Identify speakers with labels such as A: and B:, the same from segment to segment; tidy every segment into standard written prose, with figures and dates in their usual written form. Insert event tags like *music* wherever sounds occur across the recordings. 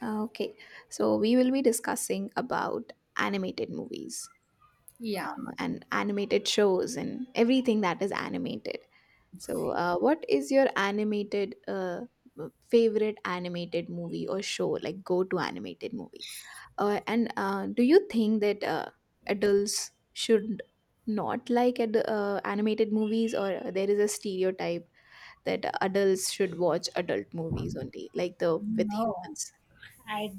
A: Okay, so we will be discussing about animated movies,
B: Yeah.
A: and animated shows and everything that is animated. So, what is your animated favorite animated movie or show, like go-to animated movie? And do you think that adults should not like animated movies, or there is a stereotype that adults should watch adult movies only, like the with
B: No,
A: humans?
B: I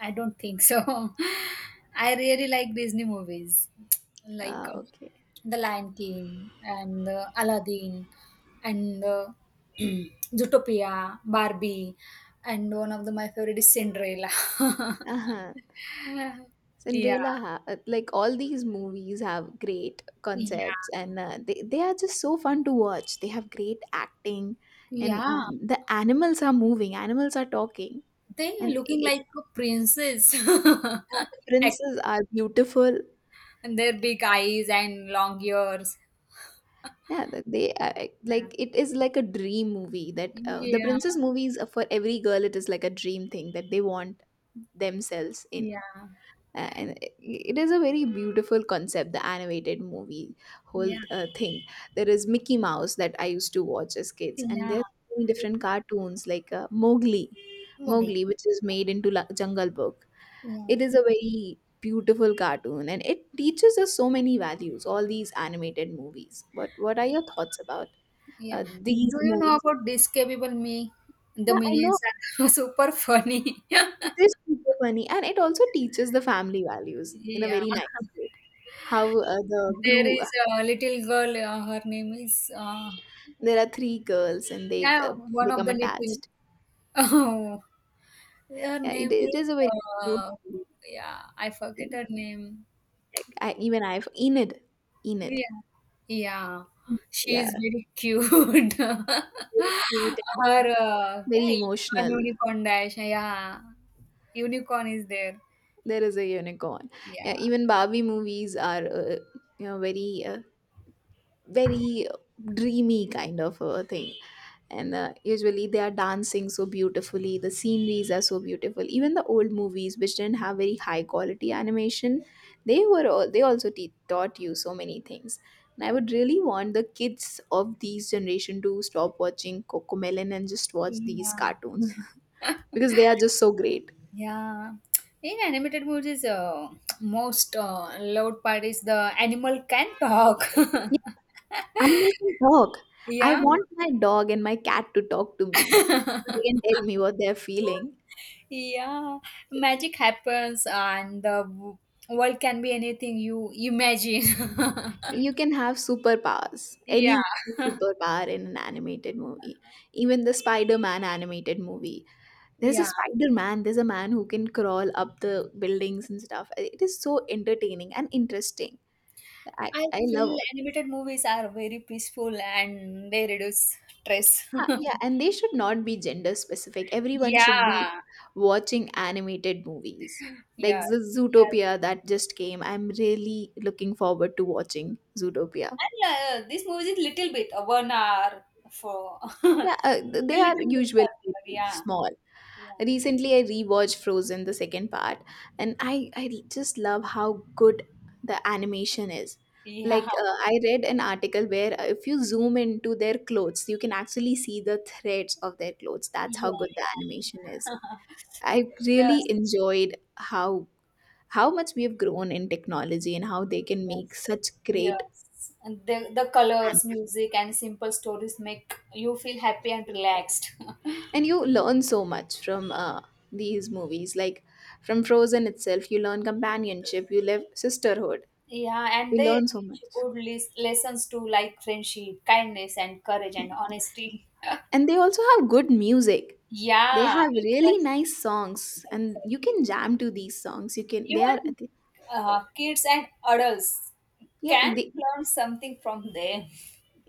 B: I don't think so. *laughs* I really like Disney movies, like
A: Okay.
B: The Lion King and Aladdin and *clears throat* Zootopia, Barbie, and one of the my favorite is Cinderella. *laughs*
A: Uh-huh.
B: Yeah,
A: Cinderella, like all these movies, have great concepts
B: yeah,
A: and they are just so fun to watch. They have great acting, and
B: yeah.
A: the animals are moving, animals are talking,
B: They
A: and
B: looking like a princess.
A: yeah, the
B: *laughs* Ac-
A: princes are beautiful.
B: and their big eyes and long ears.
A: Yeah, that they,
B: Yeah,
A: like it is like a dream movie that, the
B: yeah,
A: princess movies are for every girl. It is like a dream thing that they want themselves in.
B: yeah.
A: And it is a very beautiful concept, the animated movie whole
B: Yeah,
A: thing. There is Mickey Mouse that I used to watch as kids, and
B: yeah,
A: there's many different cartoons like, mowgli
B: Woody.
A: mowgli which is made into Jungle Book.
B: Yeah,
A: It is a very beautiful cartoon, and it teaches us so many values, all these animated movies. What are your thoughts about
B: yeah.
A: uh, these
B: Do you know
A: movies?
B: about this capable me? The
A: Yeah, I know.
B: minions are *laughs* super funny.
A: It
B: *laughs*
A: is super funny, and it also teaches the family values in a
B: Yeah,
A: very nice way. How, the
B: there
A: guru.
B: is a little girl. Her name is
A: There
B: what?
A: are three girls, and they,
B: Yeah, one of
A: become
B: the little. *laughs*
A: attached.
B: Oh, her
A: Yeah, it,
B: name
A: it
B: is.
A: is a very cute
B: Uh,
A: movie.
B: yeah, I forget
A: And,
B: her name.
A: like, even I've Enid.
B: Yeah.
A: Enid.
B: Yeah. She
A: Yeah,
B: is very cute. *laughs*
A: very cute and
B: Her yeah,
A: very emotional.
B: unicorn dash. Yeah. Unicorn is there.
A: There is a unicorn.
B: Yeah.
A: Yeah, even Barbie movies are, very, very dreamy kind of a thing. And usually they are dancing so beautifully, the sceneries are so beautiful. Even the old movies which didn't have very high quality animation, they also taught you so many things. And I would really want the kids of these generation to stop watching Cocomelon and just watch these
B: Yeah.
A: cartoons *laughs* because they are just so great.
B: Yeah. In animated movies, most loud part is the animal can talk. *laughs*
A: Yeah, animal can talk. I
B: Yeah,
A: want my dog and my cat to talk to me so they can tell me what they're feeling.
B: yeah. Magic happens and the world can be anything you imagine.
A: You can have superpowers,
B: *laughs* Yeah,
A: any superpower in an animated movie. Even the Spider Man animated movie. There's a
B: yeah.
A: Spider Man, there's a man who can crawl up the buildings and stuff. It is so entertaining and interesting. I,
B: I
A: I love
B: feel
A: it.
B: animated movies are very peaceful and they reduce stress.
A: Huh. Yeah,
B: *laughs*
A: and they should not be gender specific. Everyone should be
B: Yeah,
A: watching animated movies. Like
B: yes,
A: the
B: yes.
A: Zootopia that just came. I'm really looking forward to watching Zootopia.
B: And this movie is little bit, 1 hour for *laughs*
A: Yeah,
B: little,
A: they are
B: little movies
A: usually
B: are there. Yeah,
A: small.
B: yeah,
A: Recently, I rewatched Frozen, the second part, and I just love how good the animation is.
B: yeah,
A: Like, I read an article where, if you zoom into their clothes, you can actually see the threads of their clothes. That's
B: yeah,
A: how good the animation is.
B: yeah. *laughs*
A: I really
B: Yes,
A: enjoyed how much we have grown in technology, and how they
B: yes,
A: can make
B: yes,
A: such great.
B: yes. And the colors, music, and simple stories make you feel happy and relaxed. *laughs*
A: And you learn so much from, these movies, like from Frozen itself you learn companionship, you live sisterhood,
B: Yeah, and
A: you
B: they
A: learn so
B: teach
A: much.
B: good lessons too, like friendship, kindness, and courage and honesty. *laughs*
A: And they also have good music, they
B: Yeah,
A: have really
B: exactly,
A: nice songs, and you
B: exactly.
A: can jam to these songs, you can, they are.
B: Even kids and adults
A: Yeah,
B: can
A: they.
B: learn something from them.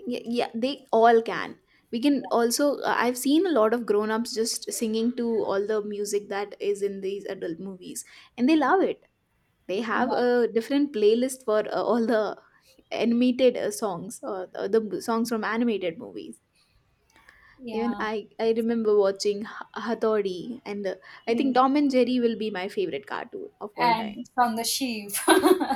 A: Yeah, yeah, they all can. We can
B: Yeah,
A: also, I've seen a lot of grown ups just singing to all the music that is in these adult movies, and they love it. They
B: yeah,
A: have a different playlist for, all the animated, songs, or the songs from animated movies. Even
B: yeah,
A: I remember watching Hathori, and I think Tom
B: yeah.
A: and Jerry will be my favorite cartoon of all
B: And
A: time.
B: from the sheep. *laughs*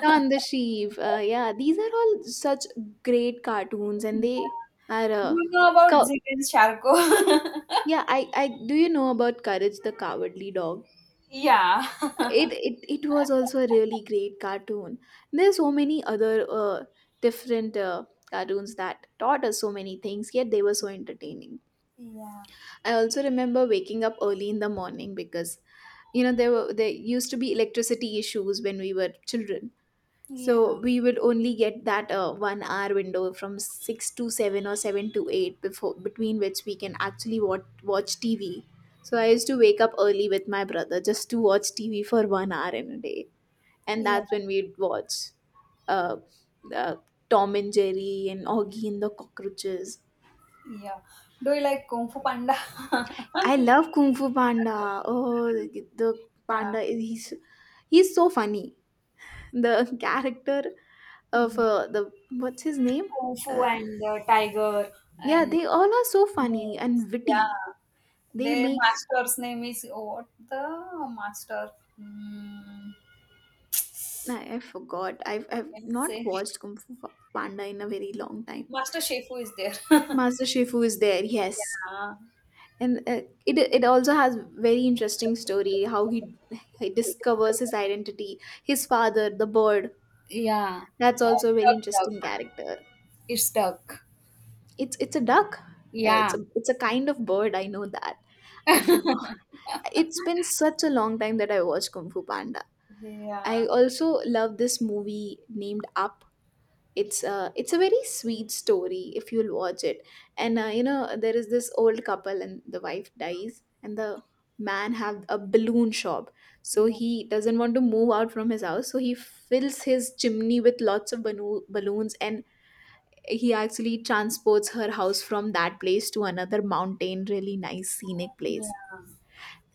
A: Shaun the Sheep. Yeah, these are all such great cartoons, and
B: Yeah.
A: they are.
B: You know about
A: Cow-
B: Zig and Sharko. *laughs*
A: yeah, I do you know about Courage the Cowardly Dog?
B: Yeah.
A: it
B: *laughs*
A: it, it was also a really great cartoon. There's so many other, different, cartoons that taught us so many things, yet they were so entertaining.
B: Yeah.
A: I also remember waking up early in the morning, because there used to be electricity issues when we were children.
B: Yeah.
A: So we would only get that, one hour window from 6 to 7 or 7 to 8, before between which we can actually watch TV. So I used to wake up early with my brother just to watch TV for one hour in a day, and
B: Yeah.
A: that's when we'd watch, uh, uh, Tom and Jerry and Augie and the cockroaches.
B: Yeah. Do you like Kung Fu Panda? *laughs*
A: I love Kung Fu Panda. Oh, the
B: Yeah,
A: panda is, he's so funny. The character of,
B: yeah.
A: the, what's his name?
B: Kung Fu
A: Uh,
B: and Tiger
A: yeah,
B: and
A: they all are so funny
B: snakes.
A: and
B: Yeah,
A: witty. They
B: their
A: make
B: master's name is what the master? Mm,
A: I forgot. I've
B: let's
A: not
B: say
A: watched Kung Fu Panda in a very long
B: *laughs*
A: time.
B: Master Shefu is there. *laughs*
A: Master Shifu is there. Yes,
B: Yeah,
A: and it also has very interesting story, how he discovers his identity, his father the bird.
B: yeah.
A: That's
B: Uh,
A: also a very
B: duck.
A: interesting character.
B: It's duck.
A: It's a duck. Yeah,
B: Yeah,
A: it's a kind of bird. I know that. I forgot. It's been such a long time that I watched Kung Fu Panda. I
B: yeah,
A: also love this movie named Up. It's a very sweet story if you'll watch it. And you know there is this old couple and the wife dies, and the man have a balloon shop, so
B: yeah,
A: he doesn't want to move out from his house, so he fills his chimney with lots of balloons, and he actually transports her house from that place to another mountain, really nice scenic place.
B: yeah.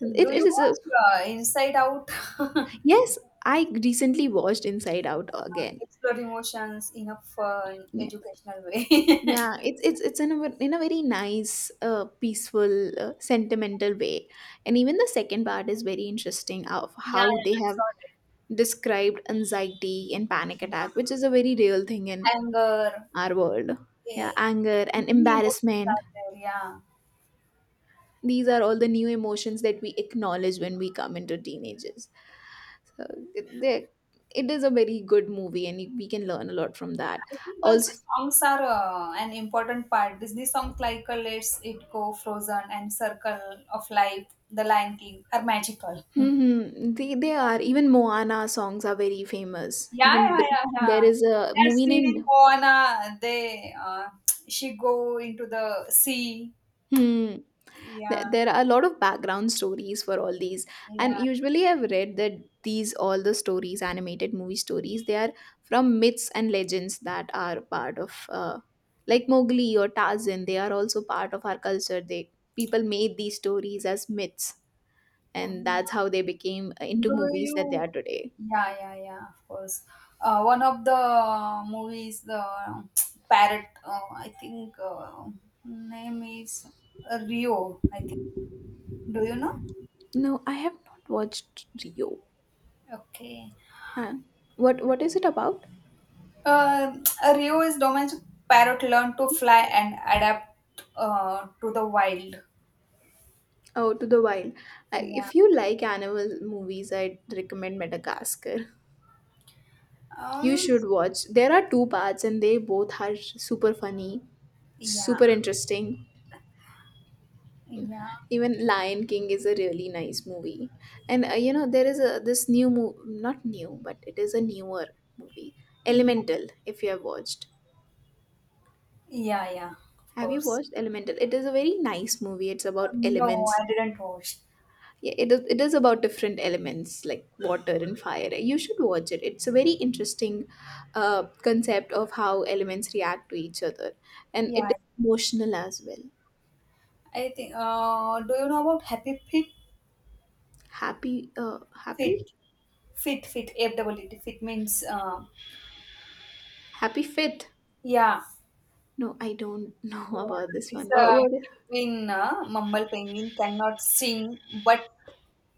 A: And it,
B: Do
A: it
B: you
A: is a.
B: watch Inside Out? *laughs*
A: Yes, I recently watched Inside Out again.
B: Explore emotions in a fun, educational way. *laughs*
A: Yeah, it's in a very nice, peaceful, sentimental way, and even the second part is very interesting of
B: Yeah, yeah,
A: how they
B: I saw
A: have
B: that.
A: described anxiety and panic attack,
B: Yeah.
A: which is a very real thing in
B: Anger,
A: our world. Yeah,
B: eh,
A: anger and
B: many emotions
A: embarrassment;
B: are there. Yeah,
A: these are all the new emotions that we acknowledge when we come into teenagers. So it, they- it is a very good movie, and we can learn a lot from that.
B: I think also
A: Also.
B: songs are an important part. Disney songs like "Let's It Go," "Frozen," and "Circle of Life," "The Lion King" are magical. Hmm.
A: Mm-hmm. They are. Even Moana songs are very famous.
B: Yeah, yeah, yeah,
A: There
B: yeah.
A: is a
B: That
A: movie
B: scene in
A: named.
B: Moana, they *tsk* she go into the sea.
A: Hmm. There,
B: Yeah,
A: there are a lot of background stories for all these. And
B: yeah.
A: usually I've read that these, all the stories, animated movie stories, they are from myths and legends that are part of, like Mowgli or Tarzan. They are also part of our culture. They People made these stories as myths.
B: Oh,
A: And that's
B: yeah.
A: how they became into
B: Do
A: movies that they
B: you?
A: are today.
B: Yeah, yeah, yeah. Of course. One of the movies, the *tsk* parrot. I think name is Rio. I think. Do you know?
A: No, I have not watched Rio.
B: Okay.
A: Uh, what is it about?
B: Uh, *tsk* Rio is domestic parrot learn to fly and adapt to the wild.
A: Oh, to the wild.
B: Yeah.
A: If you like animal movies, I'd recommend Madagascar. You
B: Um.
A: should watch. There are two parts, and they both are super funny,
B: Yeah.
A: super interesting.
B: Yeah.
A: Even Lion King is a really nice movie, and you know there is a this new movie, not new, but it is a newer movie,
B: Yeah.
A: Elemental. If you have watched,
B: Yeah. Yeah. Of
A: Have you
B: course.
A: watched Elemental? It is a very nice movie. It's about
B: No,
A: elements.
B: I didn't watch.
A: Yeah, it is about different elements like water and fire. You should watch it. It's a very interesting, concept of how elements react to each other, and it
B: Yeah.
A: is emotional as well.
B: I think. Do you know about Happy Fit?
A: Happy, uh, happy,
B: Fit, fit, fit. F double T. Fit means.
A: happy Fit.
B: Yeah,
A: No, I don't know *laughs*
B: yeah.
A: about this
B: It's
A: one.
B: a
A: What? What?
B: penguin. Mumble penguin cannot sing, but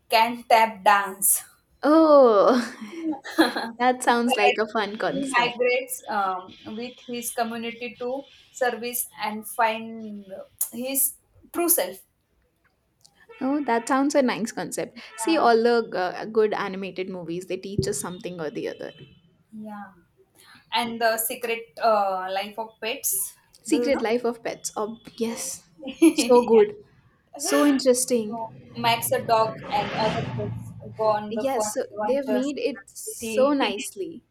B: can tap dance.
A: Oh,
B: *laughs*
A: *laughs* that sounds
B: But
A: like a fun
B: he
A: concept.
B: migrates with his community to service and find his true self.
A: Oh, that sounds a nice concept. See,
B: Yeah,
A: all the, good animated movies, they teach us something or the other.
B: yeah. And the secret life of pets. Do you
A: Secret
B: know? *laughs*
A: Life of Pets. Oh, yes, so
B: Yeah.
A: good. So interesting.
B: So Max the dog and other pets go on the fun
A: Yes, so they've
B: adventures
A: made
B: in
A: it
B: the
A: so
B: city.
A: nicely,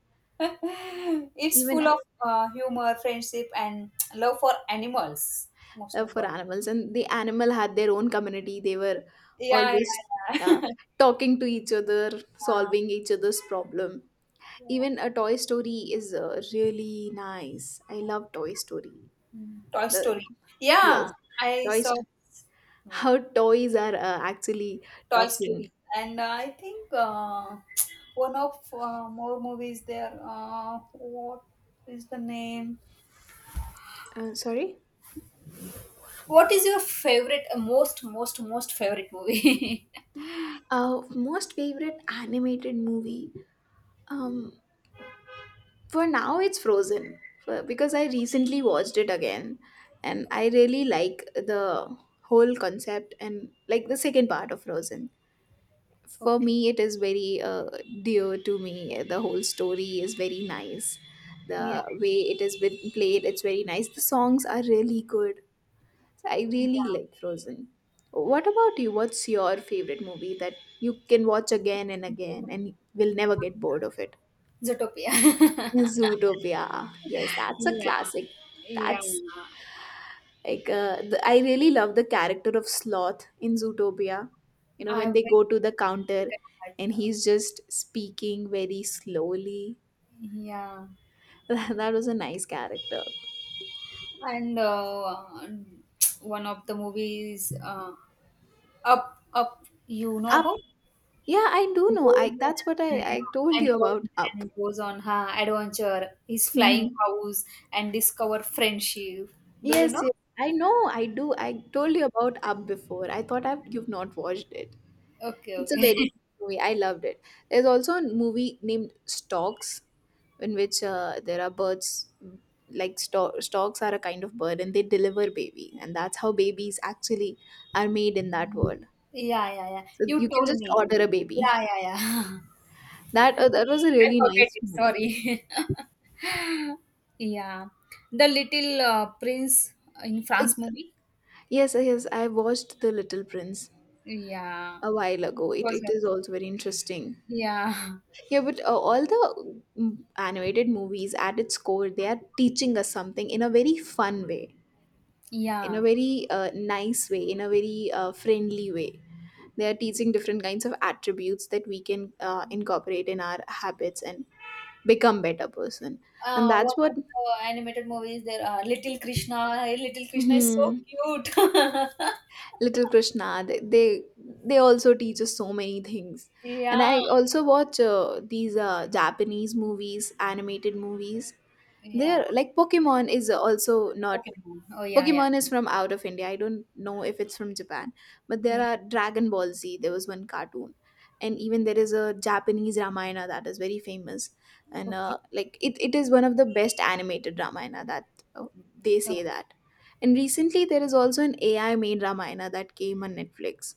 B: *laughs* It's full
A: even,
B: of humor, friendship, and love for animals, most
A: for
B: important.
A: animals. And the animal had their own community. They were
B: Yeah,
A: always,
B: yeah,
A: uh,
B: yeah. *laughs*
A: talking to each other,
B: Uh,
A: solving each other's problem. Even a Toy Story is, really nice. I love Toy Story.
B: Toy
A: The
B: Story.
A: Yes,
B: Yeah, I saw
A: toys.
B: this movie,
A: How toys are, actually
B: Toy
A: talking.
B: Story, and I think *tsk* one of more movies there. What is the name?
A: Sorry.
B: What is your favorite, most favorite movie?
A: Most favorite animated movie. Um, for now it's Frozen, because I recently watched it again, and I really like the whole concept, and like the second part of Frozen.
B: *laughs*
A: For
B: Okay.
A: me, it is very, dear to me. The whole story is very nice, the
B: Yeah.
A: way it has been played. It's very nice, the songs are really good, so I really
B: Yeah.
A: like Frozen. What about you? What's your favorite movie that you can watch again and again and will never get bored of it?
B: Zootopia. *laughs*
A: Zootopia. Yes, that's a
B: Yeah.
A: classic.
B: Yeah.
A: That's I really love the character of Sloth in Zootopia. You know,
B: I
A: when
B: went
A: they go
B: to
A: to the counter
B: second
A: and
B: part.
A: he's just speaking very slowly.
B: Yeah.
A: *laughs* That was a nice character.
B: And one of the movies, Up, you know
A: Up.
B: about?
A: Yeah, I do know.
B: Old
A: I
B: man,
A: That's what I
B: yeah,
A: told
B: an
A: you
B: old
A: about Up.
B: man goes on her adventure, his
A: Hmm.
B: flying house, and discover friendship. Do you
A: Yes,
B: know?
A: yes. I know. I do. I told you about Up before. I thought you've not watched it.
B: Okay,
A: It's a
B: okay.
A: very
B: *laughs*
A: movie. I loved it. There's also a movie named Storks, in which, there are birds. Like storks are a kind of bird, and they deliver baby, and that's how babies actually are made in that world.
B: Yeah, yeah, yeah.
A: So
B: You
A: you can
B: told
A: just order
B: me.
A: a baby.
B: Yeah, yeah, yeah. *laughs*
A: That was a
B: I
A: really
B: forget
A: nice
B: it.
A: movie.
B: Sorry. *laughs* Yeah. The Little Prince in
A: Uh,
B: France movie.
A: Yes, I watched The Little Prince
B: Yeah.
A: a while ago.
B: It
A: It
B: was.
A: it is also very interesting.
B: Yeah.
A: Yeah, but, all the, animated movies at its core, they are teaching us something in a very fun way, in a
B: Yeah.
A: very, nice way, in a very, friendly way. They are teaching different kinds of attributes that we can, incorporate in our habits and become better person. And
B: One
A: that's what,
B: of the animated movies there are Little Krishna. Hey, Little Krishna is so
A: hmm,
B: cute. *laughs*
A: Little Krishna. They also teach us so many things. And
B: Yeah.
A: I also watch, these, Japanese movies, animated movies.
B: Yeah.
A: They're like Pokemon is also not.
B: Pokemon. Oh, yeah, yeah.
A: Pokemon is from out of India. I don't know if it's from Japan, but
B: Yeah.
A: there are Dragon Ball Z. There was one cartoon, and even there is a Japanese Ramayana that is very famous, and
B: Okay,
A: like it is one of the best animated Ramayana that, uh, they say
B: okay.
A: that. And recently, there is also an AI made Ramayana that came on Netflix,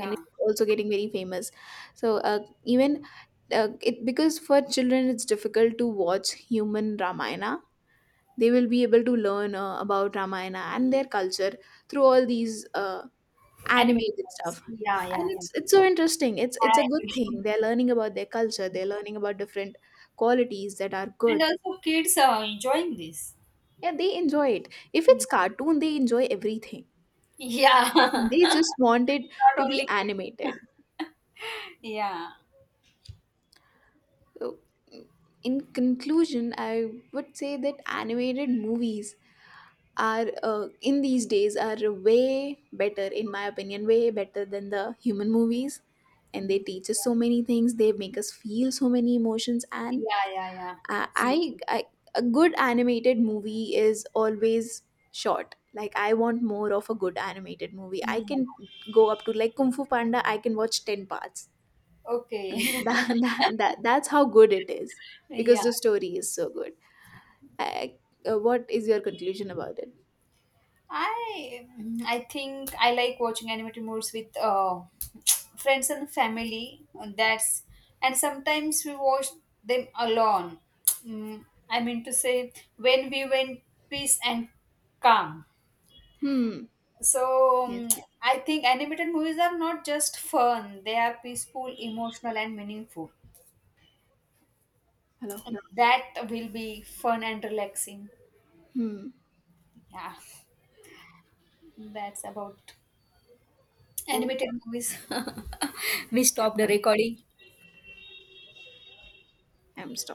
A: and it's also getting very famous. So, even it because for children, it's difficult to watch human Ramayana, they will be able to learn, about Ramayana and their culture through all these,
B: Animated
A: animated stuff.
B: movies. Yeah, yeah,
A: And
B: yeah.
A: it's so interesting. it's
B: I
A: it's a good thing
B: agree.
A: they're learning about their culture, they're learning about different qualities that are
B: And
A: good.
B: also kids are enjoying this.
A: Yeah, they enjoy it. If
B: Yeah.
A: it's
B: *laughs*
A: cartoon, they enjoy everything. They
B: Not
A: just want it to be
B: only kids.
A: animated.
B: Yeah.
A: So, in conclusion, I would say that animated movies are, in these days, are way better in my opinion, way better than the human movies. And they
B: Yeah,
A: teach us so many things, they make us feel so many emotions. And
B: yeah, yeah. Absolutely.
A: I a good animated movie is always short, like I want more of a good animated movie. I
B: Yeah.
A: can go up to like Kung Fu Panda, I can watch 10 parts, and
B: Okay.
A: *laughs* that's how good it is because
B: *laughs* Yeah.
A: the story is so good. I, what is your conclusion about it?
B: I I think I like watching animated movies with *tsk* friends and family. That's And sometimes we watch them alone. *tsk* Mm, I mean to say when we went peace and calm.
A: Hmm.
B: So
A: Yes.
B: I think animated movies are not just fun; they are peaceful, emotional, and meaningful.
A: Hello.
B: That will be fun and relaxing.
A: Hmm.
B: Yeah, that's about
A: Oh.
B: animated movies. *laughs* We stop the
A: Uh,
B: recording.
A: I'm stuck.